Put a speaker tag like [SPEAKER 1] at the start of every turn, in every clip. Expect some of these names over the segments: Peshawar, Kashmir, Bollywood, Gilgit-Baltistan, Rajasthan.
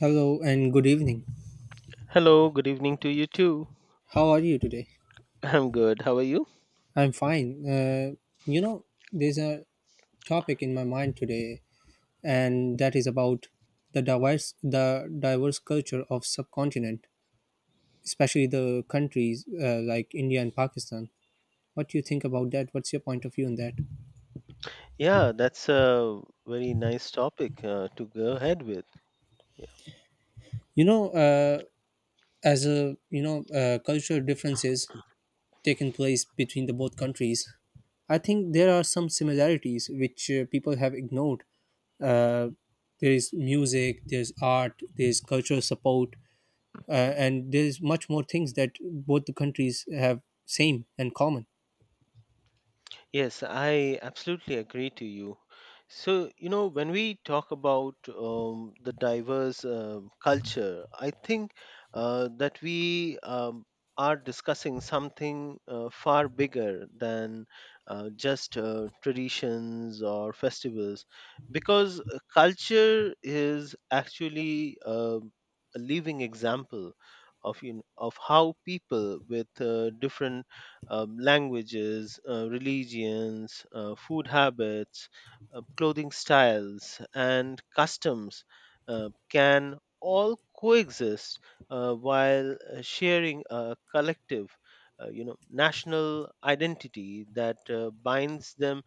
[SPEAKER 1] Hello and good evening.
[SPEAKER 2] Hello, good evening to you too.
[SPEAKER 1] How are you today?
[SPEAKER 2] I'm good. How are you?
[SPEAKER 1] I'm fine. You know, there's a topic in my mind today, and that is about the diverse culture of subcontinent, especially the countries like India and Pakistan. What do you think about that? What's your point of view on that?
[SPEAKER 2] Yeah, that's a very nice topic to go ahead with.
[SPEAKER 1] You know, uh, as a you know, cultural differences taken place between the both countries. I think there are some similarities which people have ignored. Uh, there is music, there's art, there's cultural support, and there's much more things that both the countries have same and common.
[SPEAKER 2] Yes, I absolutely agree to you. So, when we talk about the diverse culture, I think that we are discussing something far bigger than just traditions or festivals, because culture is actually a living example of how people with different languages, religions, food habits, clothing styles, and customs can all coexist while sharing a collective, national identity that binds them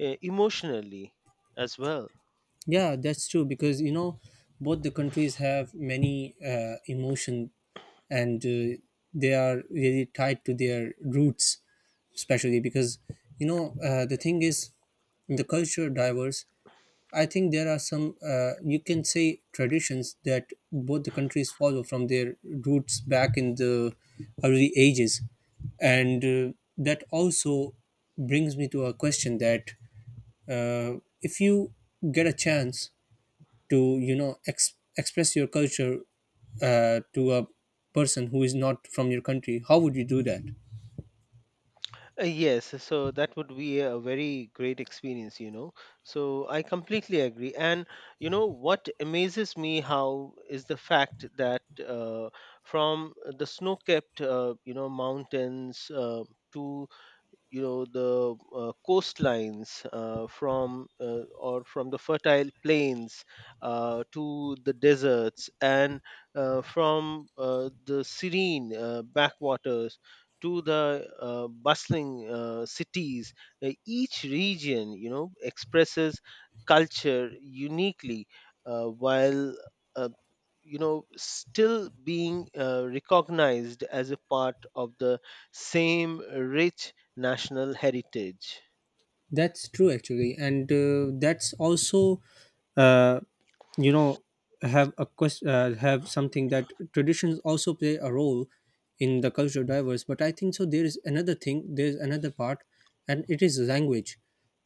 [SPEAKER 2] emotionally as well.
[SPEAKER 1] Yeah, that's true because you know both the countries have many emotion and they are really tied to their roots especially because you know the thing is the culture diverse. I think there are some, you can say, traditions that both the countries follow from their roots back in the early ages. And that also brings me to a question that if you get a chance to, you know, express your culture to a person who is not from your country, how would you do that?
[SPEAKER 2] Yes, so that would be a very great experience. So I completely agree. And you know what amazes me how is the fact that from the snow-capped, mountains to the coastlines from or from the fertile plains to the deserts and from the serene backwaters to the bustling cities. Each region expresses culture uniquely while uh, still being recognized as a part of the same rich national heritage.
[SPEAKER 1] That's true, actually, and that's also, uh, you know, have a question, have something that traditions also play a role in the culture diverse. But I think so. There is another thing. There is another part, and it is language,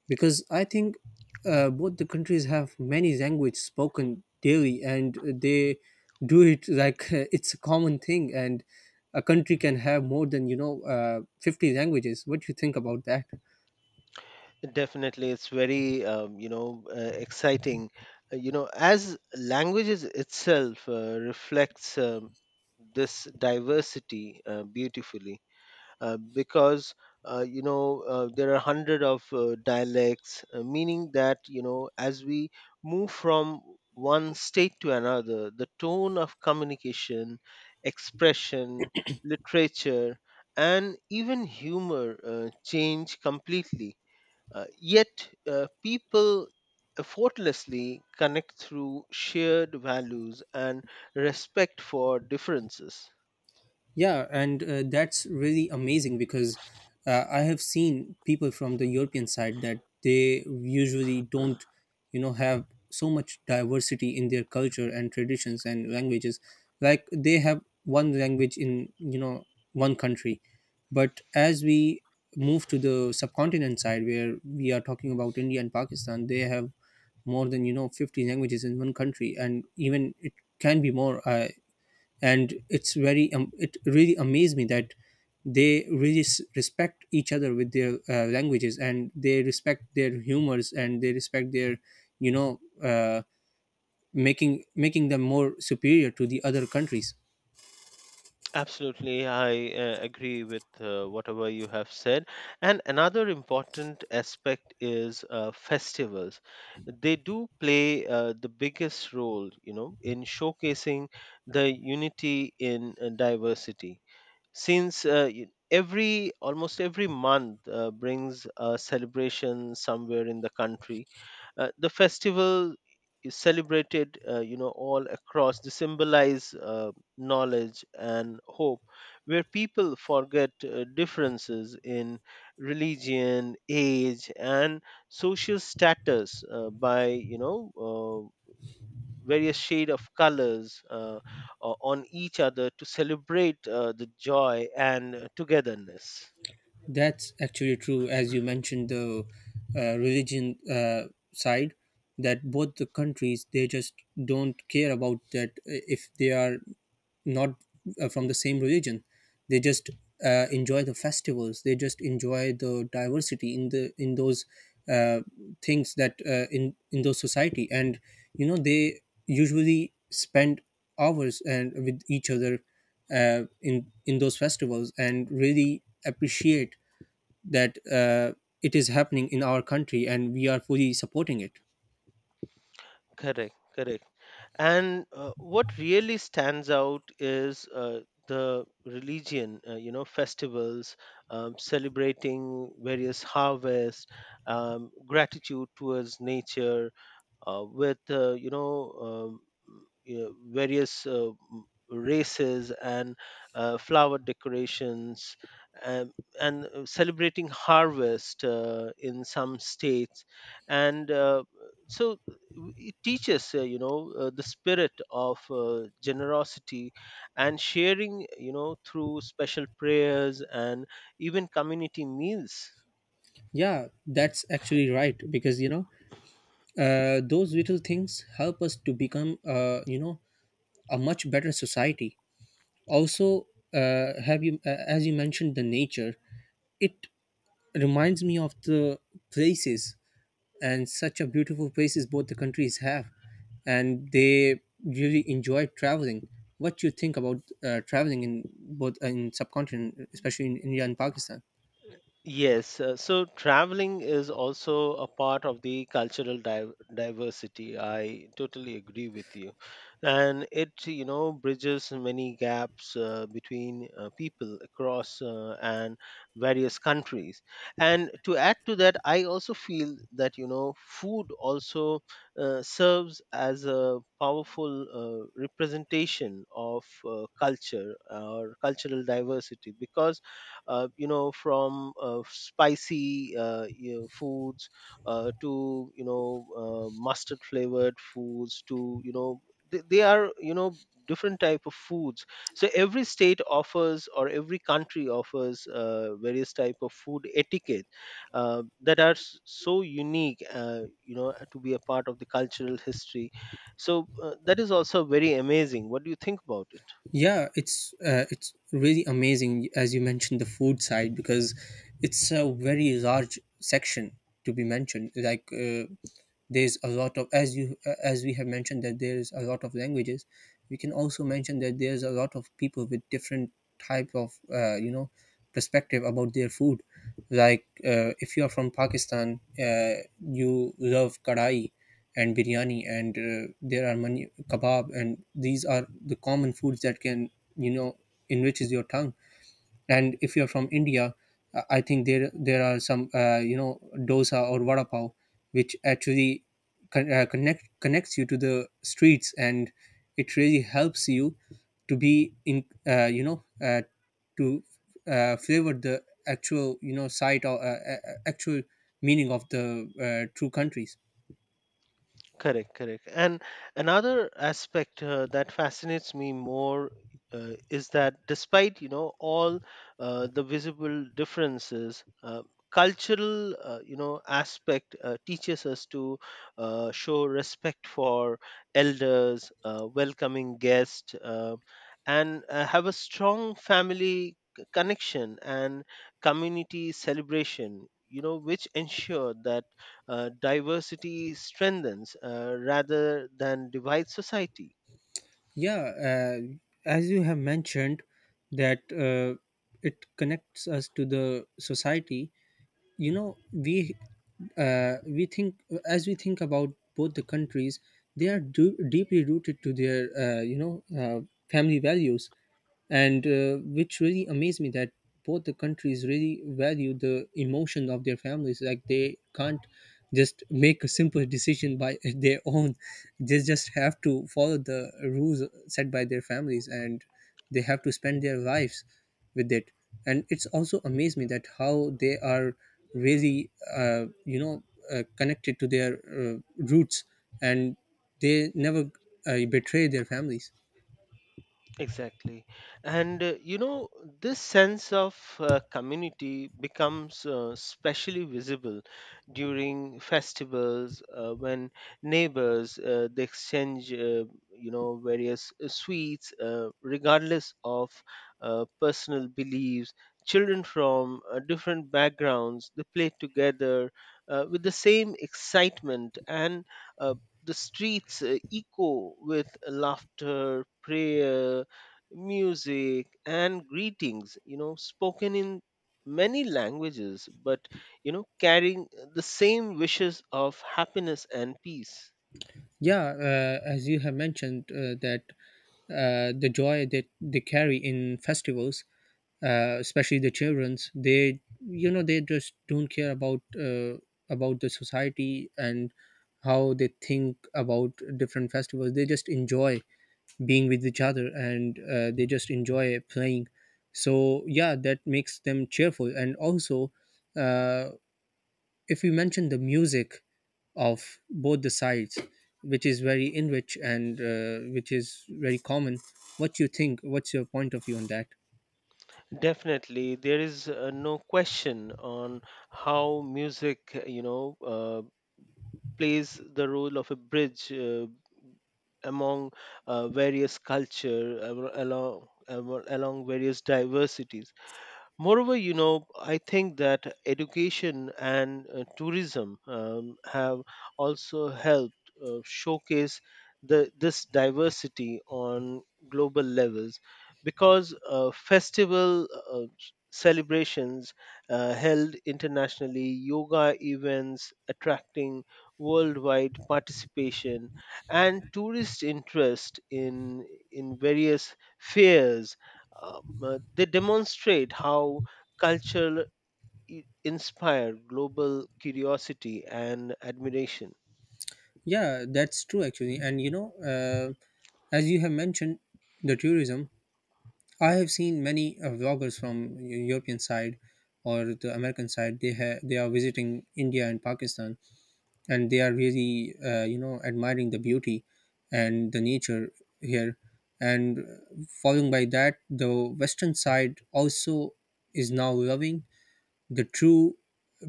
[SPEAKER 1] because I think both the countries have many languages spoken daily, and they do it like it's a common thing, and a country can have more than you know 50 languages. What do you think about that?
[SPEAKER 2] Definitely it's very exciting Uh, you know as languages itself reflects this diversity beautifully because there are hundred of dialects, meaning that as we move from one state to another, the tone of communication, expression, literature, and even humor change completely. Yet people effortlessly connect through shared values and respect for differences.
[SPEAKER 1] Yeah, and that's really amazing because I have seen people from the European side that they usually don't, you know, have so much diversity in their culture and traditions and languages. Like they have one language in, you know, one country. But as we move to the subcontinent side where we are talking about India and Pakistan, they have more than, you know, 50 languages in one country. And even it can be more. And it's very it really amazed me that they really respect each other with their languages and they respect their humors and they respect their you know uh, making them more superior to the other countries.
[SPEAKER 2] Absolutely, I agree with whatever you have said. And another important aspect is festivals. They do play the biggest role, in showcasing the unity in diversity since every almost every month brings a celebration somewhere in the country. The festival is celebrated all across to symbolize knowledge and hope, where people forget differences in religion, age, and social status by various shade of colors on each other to celebrate the joy and togetherness.
[SPEAKER 1] That's actually true, as you mentioned the religion side. That both the countries they just don't care about that if they are not from the same religion. They just enjoy the festivals. They just enjoy the diversity in the in those uh, things that in those society. And you know they usually spend hours and with each other in those festivals and really appreciate that it is happening in our country and we are fully supporting it.
[SPEAKER 2] Correct, correct. And what really stands out is the religion, festivals, celebrating various harvests, gratitude towards nature, with various races and flower decorations, um, and celebrating harvest in some states, and so it teaches the spirit of generosity and sharing through special prayers and even community meals.
[SPEAKER 1] Yeah, that's actually right because you know those little things help us to become a much better society also. Have you As you mentioned the nature, it reminds me of the places and such a beautiful places both the countries have, and they really enjoy traveling. What do you think about traveling in both in subcontinent, especially in India and Pakistan?
[SPEAKER 2] Yes, so traveling is also a part of the cultural diversity. I totally agree with you. And it, you know, bridges many gaps between people across and various countries. And to add to that, I also feel that, food also serves as a powerful representation of culture or cultural diversity, because from spicy foods to mustard flavored foods to you know they are different type of foods. So every state offers, or every country offers, various type of food etiquette that are so unique to be a part of the cultural history. So that is also very amazing. What do you think about it?
[SPEAKER 1] Yeah, it's really amazing, as you mentioned the food side, because it's a very large section to be mentioned. Like there's a lot of as you as we have mentioned that there's a lot of languages. We can also mention that there's a lot of people with different type of perspective about their food. Like if you are from Pakistan, you love kadai and biryani, and there are many kebab, and these are the common foods that can you know enriches your tongue. And if you're from India, I think there are some dosa or vada pav, which actually connects you to the streets, and it really helps you to be in uh, you know uh, to flavor the actual you know site or actual meaning of the true countries.
[SPEAKER 2] Correct, correct. And another aspect that fascinates me more is that, despite all the visible differences, cultural aspect teaches us to show respect for elders, welcoming guests, and have a strong family connection and community celebration, which ensure that diversity strengthens rather than divides society.
[SPEAKER 1] Yeah, as you have mentioned that it connects us to the society. You know we think as we think about both the countries, they are deeply rooted to their family values, and which really amazed me that both the countries really value the emotion of their families, like they can't just make a simple decision by their own. They just have to follow the rules set by their families, and they have to spend their lives with it. And it's also amazed me that how they are really uh, you know connected to their roots, and they never betray their families.
[SPEAKER 2] Exactly. And this sense of community becomes specially visible during festivals when neighbors they exchange various sweets regardless of personal beliefs. Children from different backgrounds, they play together with the same excitement, and uh, the streets echo with laughter, prayer, music, and greetings, spoken in many languages but carrying the same wishes of happiness and peace.
[SPEAKER 1] Yeah, as you have mentioned, that the joy that they carry in festivals, especially the childrens, they you know they just don't care about the society and how they think about different festivals. They just enjoy being with each other, and they just enjoy playing. So yeah, that makes them cheerful. And also, uh, if you mention the music of both the sides, which is very enrich and which is very common, what you think? What's your point of view on that?
[SPEAKER 2] Definitely, there is no question on how music plays the role of a bridge among various culture along various diversities. Moreover, I think that education and tourism have also helped showcase the this diversity on global levels, because festival celebrations held internationally, yoga events attracting worldwide participation, and tourist interest in various fairs, they demonstrate how culture inspired global curiosity and admiration.
[SPEAKER 1] Yeah, that's true, actually. And you know, as you have mentioned, the tourism, I have seen many vloggers from European side or the American side. They have they are visiting India and Pakistan, and they are really admiring the beauty and the nature here. And following by that, the western side also is now loving the true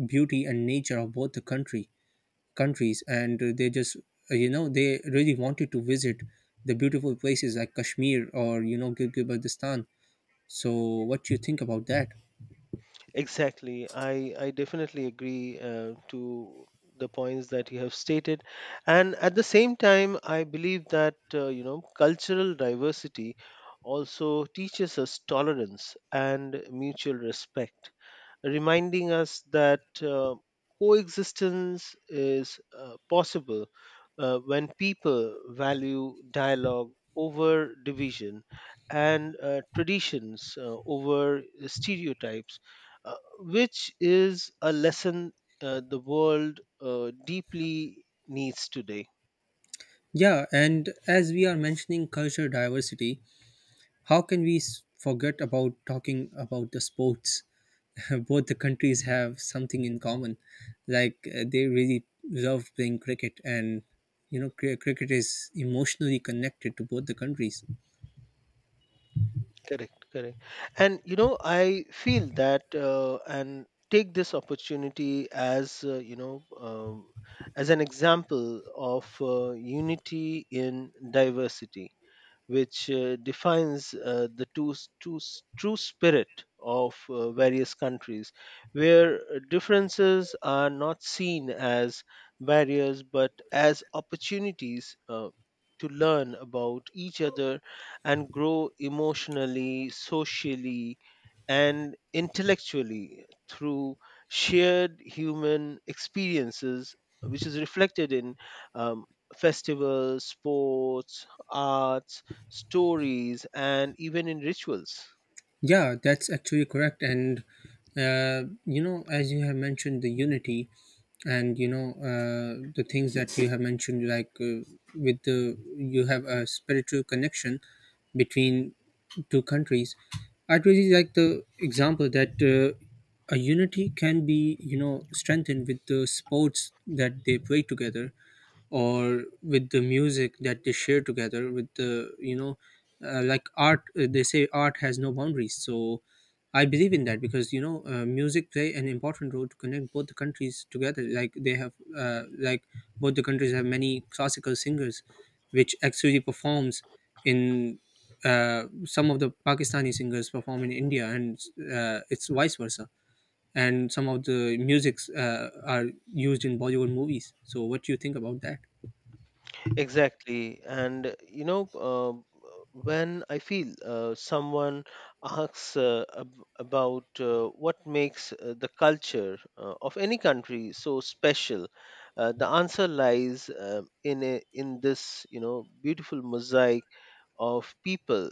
[SPEAKER 1] beauty and nature of both the country countries, and they just they really wanted to visit the beautiful places like Kashmir or you know Gilgit-Baltistan. So what do you think about that?
[SPEAKER 2] Exactly. I definitely agree to the points that you have stated. And at the same time, I believe that, cultural diversity also teaches us tolerance and mutual respect, reminding us that coexistence is possible when people value dialogue over division and traditions over stereotypes, which is a lesson the world deeply needs today.
[SPEAKER 1] Yeah, and as we are mentioning culture diversity, how can we forget about talking about the sports? Both the countries have something in common, like they really love playing cricket, and you know, cricket is emotionally connected to both the countries.
[SPEAKER 2] Correct, correct. And I feel that and take this opportunity as as an example of unity in diversity, which defines the true spirit of various countries, where differences are not seen as barriers but as opportunities to learn about each other and grow emotionally, socially, and intellectually through shared human experiences, which is reflected in um, festivals, sports, arts, stories, and even in rituals.
[SPEAKER 1] Yeah, that's actually correct. And, you know, as you have mentioned, the unity and, you know, the things that you have mentioned, like with the, you have a spiritual connection between two countries. I'd really like the example that a unity can be, you know, strengthened with the sports that they play together, or with the music that they share together, with the you know like art. They say art has no boundaries, so I believe in that, because you know music play an important role to connect both the countries together. Like they have like both the countries have many classical singers, which actually performs in some of the Pakistani singers perform in India, and it's vice versa, and some of the musics are used in Bollywood movies. So what do you think about that?
[SPEAKER 2] Exactly. And when I feel someone asks about what makes the culture of any country so special, the answer lies in this beautiful mosaic of people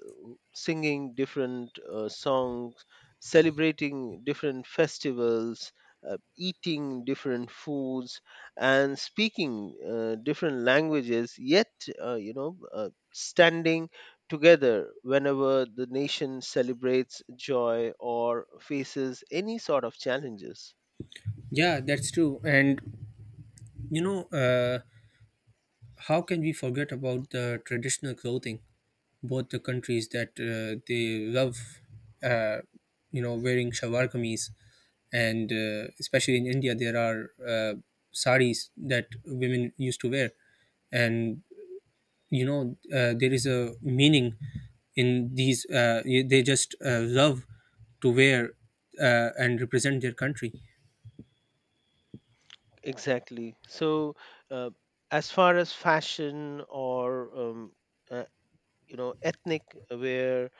[SPEAKER 2] singing different songs, celebrating different festivals, eating different foods, and speaking different languages, yet, standing together whenever the nation celebrates joy or faces any sort of challenges.
[SPEAKER 1] Yeah, that's true. And you know, how can we forget about the traditional clothing? Both the countries that they love, uh, you know, wearing shalwar kameez, and especially in India, there are saris that women used to wear, and you know, there is a meaning in these. They just love to wear and represent their country.
[SPEAKER 2] Exactly. So, uh, as far as fashion or uh, ethnic wear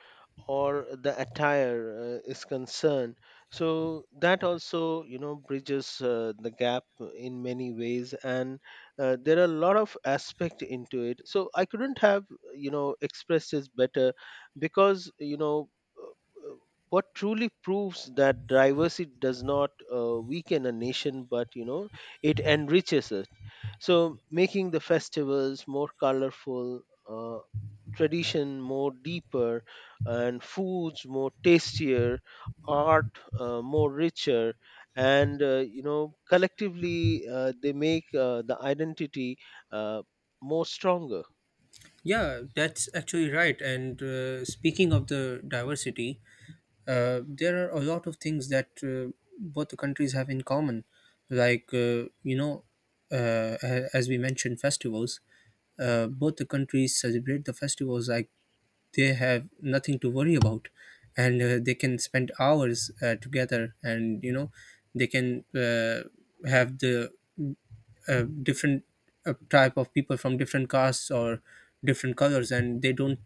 [SPEAKER 2] or the attire is concerned, so that also bridges the gap in many ways, and there are a lot of aspect into it. So I couldn't have expressed this better, because uh, uh, what truly proves that diversity does not weaken a nation but it enriches it. So, making the festivals more colorful, uh, tradition more deeper, and foods more tastier, art more richer, and collectively they make the identity uh, more stronger.
[SPEAKER 1] Yeah, that's actually right. And speaking of the diversity, there are a lot of things that both the countries have in common. Like, you know, as we mentioned, festivals. Both the countries celebrate the festivals like they have nothing to worry about, and they can spend hours together. And you know they can have the different type of people from different castes or different colors, and they don't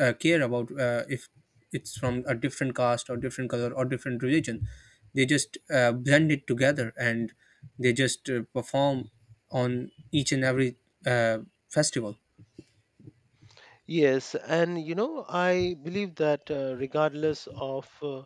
[SPEAKER 1] care about if it's from a different caste or different color or different religion. They just blend it together, and they just perform on each and every uh, festival.
[SPEAKER 2] Yes, and I believe that regardless of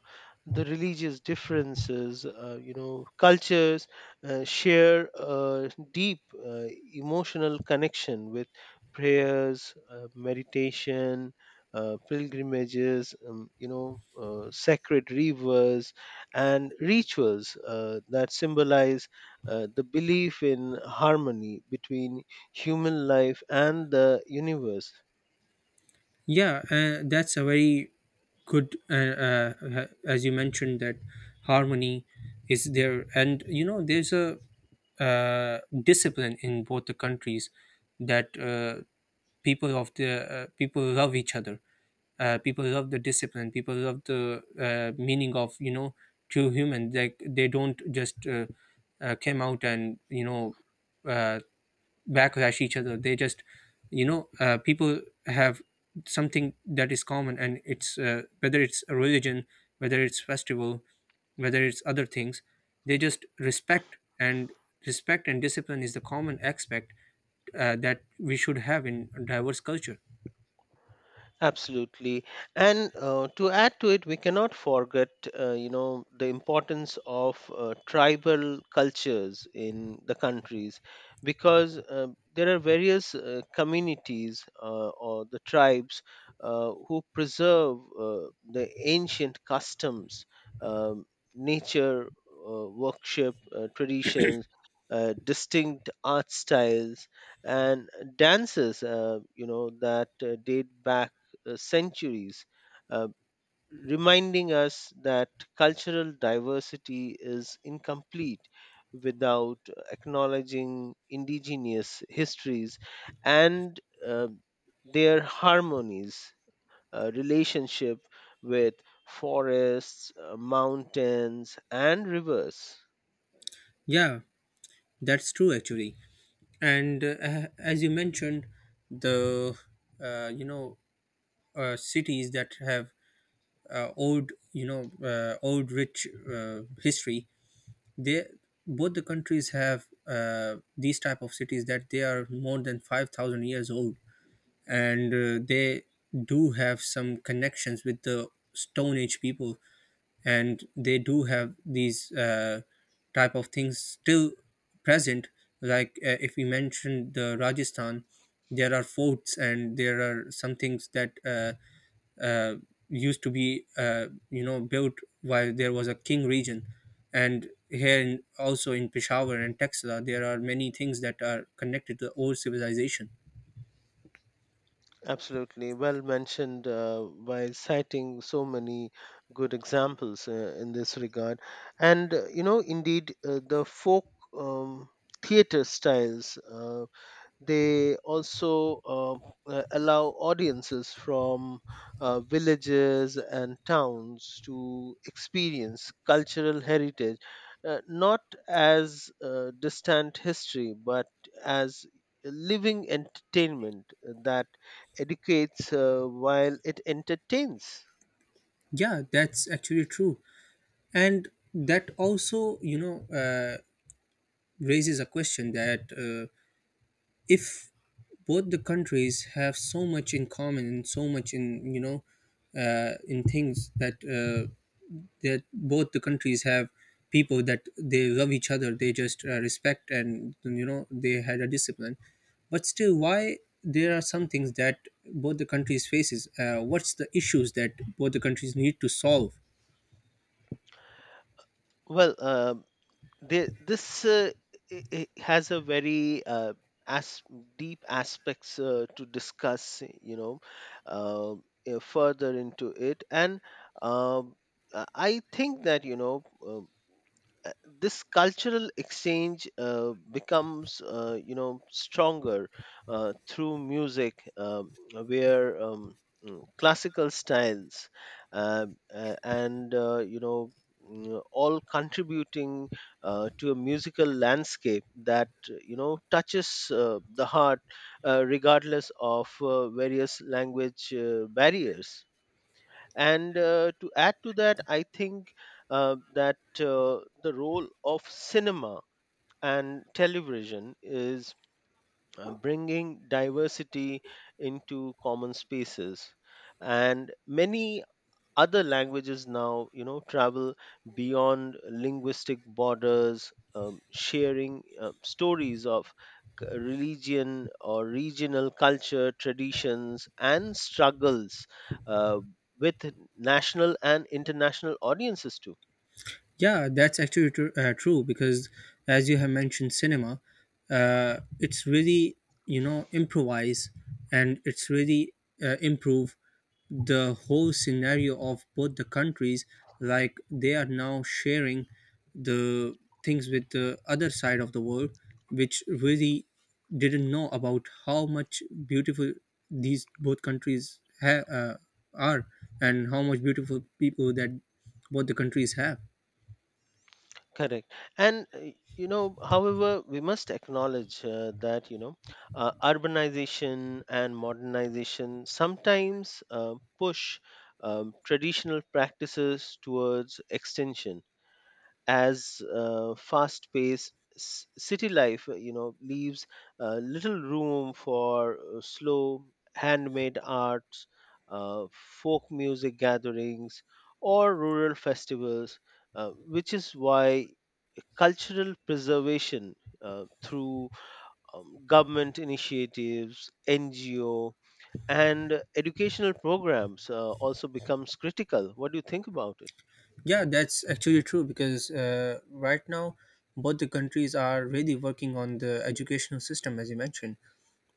[SPEAKER 2] the religious differences, cultures share a deep emotional connection with prayers, meditation, pilgrimages, sacred rivers, and rituals that symbolize the belief in harmony between human life and the universe.
[SPEAKER 1] Yeah, that's a very good, as you mentioned, that harmony is there. And, you know, there's a discipline in both the countries that people of the people love each other. People love the discipline. People love the meaning of, you know, true human. Like they don't just came out and, uh, backlash each other. They just people have something that is common, and it's whether it's a religion, whether it's festival, whether it's other things, they just respect. And respect and discipline is the common aspect that we should have in a diverse culture.
[SPEAKER 2] Absolutely. And to add to it, we cannot forget, the importance of tribal cultures in the countries, because there are various communities or the tribes who preserve the ancient customs, um, nature worship traditions, distinct art styles, and dances, that date back centuries, uh, reminding us that cultural diversity is incomplete without acknowledging indigenous histories and uh, their harmonies, relationship with forests, mountains, and rivers.
[SPEAKER 1] Yeah, that's true actually. And as you mentioned, the uh, you know cities that have owed you know owed rich history, they, both the countries have these type of cities that they are more than 5,000 years old. And they do have some connections with the stone age people, and they do have these type of things still present. Like if we mentioned the Rajasthan, there are forts and there are some things that uh, used to be built while there was a king region. And here in, also in Peshawar and Texla, there are many things that are connected to the old civilization.
[SPEAKER 2] Absolutely, well mentioned by citing so many good examples in this regard. And, indeed, the folk um, theater styles. They also allow audiences from villages and towns to experience cultural heritage not as distant history but as a living entertainment that educates while it entertains.
[SPEAKER 1] Yeah that's actually true and that also you know raises a question that if both the countries have so much in common and so much in you know in things that that both the countries have people that they love each other they just respect and you know they had a discipline but still why there are some things that both the countries faces what's the issues that both the countries need to solve
[SPEAKER 2] Well, this has a very, as deep aspects to discuss, um, further into it and um, I think that uh, this cultural exchange becomes stronger through music, where classical styles uh, and all contributing to a musical landscape that touches the heart regardless of various language barriers. And to add to that, I think that the role of cinema and television is bringing diversity into common spaces, and many other languages now travel beyond linguistic borders, sharing stories of religion or regional culture, traditions, and struggles uh, with national and international audiences too.
[SPEAKER 1] Yeah, that's actually true because, as you have mentioned, cinema, it's really, you know, improvise, and it's really improve the whole scenario of both the countries. Like they are now sharing the things with the other side of the world, which really didn't know about how much beautiful these both countries are, and how much beautiful people that both the countries have.
[SPEAKER 2] Correct. And, however, we must acknowledge that, urbanization and modernization sometimes push traditional practices towards extension, as fast paced city life leaves little room for slow handmade arts, folk music gatherings, or rural festivals, which is why cultural preservation through government initiatives, NGO, and educational programs also becomes critical. What do you think about it?
[SPEAKER 1] Yeah, that's actually true because right now both the countries are really working on the educational system, as you mentioned,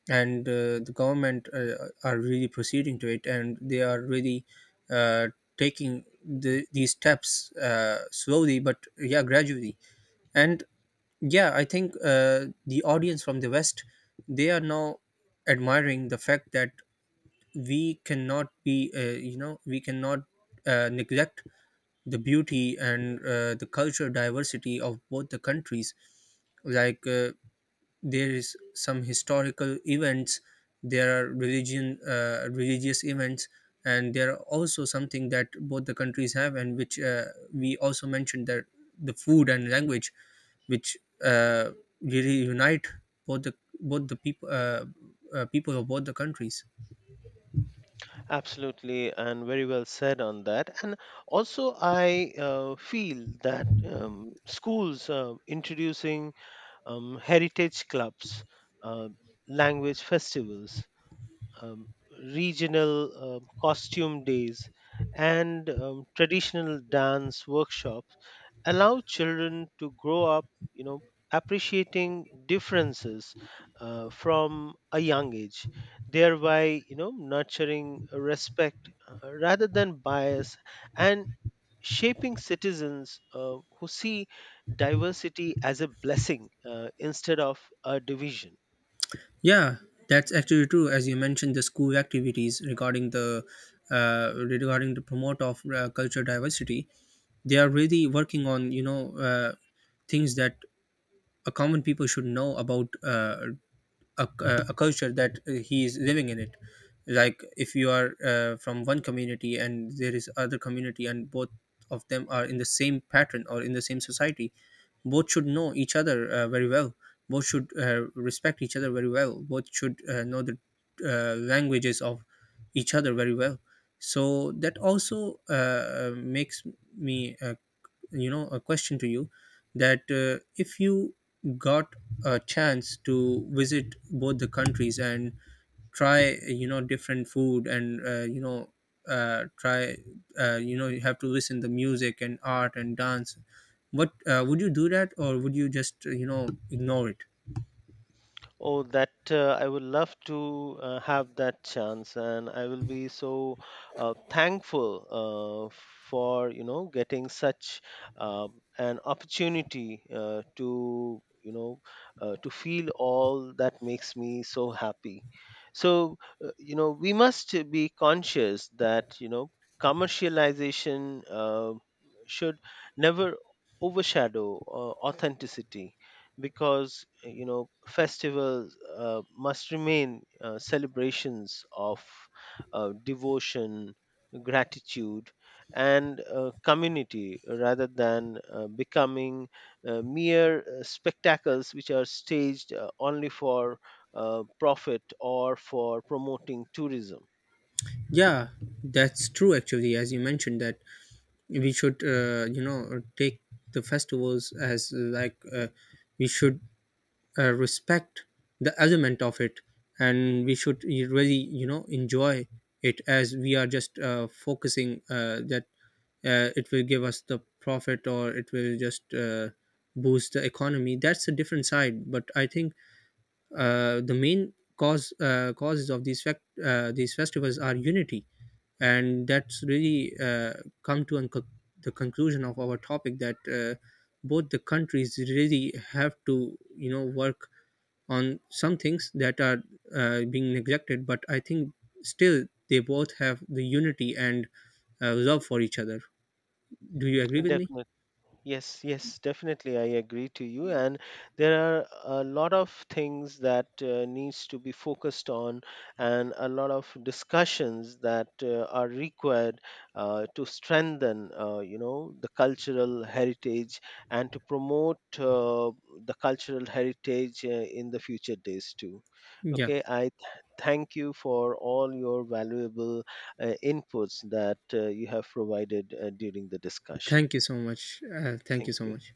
[SPEAKER 1] and the government are really proceeding to it, and they are really uh, taking the, these steps slowly, but yeah, gradually. And yeah, I think the audience from the West, they are now admiring the fact that we cannot be you know, we cannot neglect the beauty and the cultural diversity of both the countries. Like there is some historical events, there are religion religious events, and there are also something that both the countries have, and which we also mentioned, that the food and language, which uh, really unite both the both the people people of both the countries.
[SPEAKER 2] Absolutely, and very well said on that. And also, I feel that schools introducing heritage clubs, uh, language festivals, um, regional costume days, and traditional dance workshops allow children to grow up, you know, appreciating differences from a young age, thereby, nurturing respect rather than bias, and shaping citizens who see diversity as a blessing instead of a division.
[SPEAKER 1] Yeah, that's actually true. As you mentioned, the school activities regarding the promote of culture diversity, they are really working on, you know, things that a common people should know about a culture that he is living in it. Like if you are from one community and there is other community, and both of them are in the same pattern or in the same society, both should know each other very well, both should respect each other very well, both should know the languages of each other very well. So that also makes me you know, a question to you, that if you got a chance to visit both the countries and try, you know, different food and try you know, you have to listen the music and art and dance, what would you do that, or would you just you know, ignore it?
[SPEAKER 2] Oh, that I would love to have that chance, and I will be so thankful uh, for getting such uh, an opportunity to you know to feel all that makes me so happy. So we must be conscious that commercialization should never overshadow authenticity, because festivals must remain celebrations of devotion, gratitude, and community rather than becoming mere spectacles which are staged only for profit or for promoting tourism.
[SPEAKER 1] Yeah, that's true actually. As you mentioned that we should you know, take the festivals as we should respect the element of it, and we should really, you know, enjoy it, as we are just focusing that it will give us the profit, or it will just boost the economy. That's a different side, but I think the main causes of these fact these festivals are unity. And that's really come to unco- the conclusion of our topic, that both the countries really have to, you know, work on some things that are being neglected, but I think still they both have the unity and love for each other. Do you agree with me?
[SPEAKER 2] Definitely. Yes, yes, definitely. I agree to you. And there are a lot of things that needs to be focused on, and a lot of discussions that are required to strengthen, the cultural heritage and to promote the cultural heritage in the future days too.
[SPEAKER 1] Yeah.
[SPEAKER 2] Okay, I thank you for all your valuable inputs that you have provided during the discussion.
[SPEAKER 1] Thank you so much. Thank
[SPEAKER 2] Thank
[SPEAKER 1] you so
[SPEAKER 2] you.
[SPEAKER 1] much.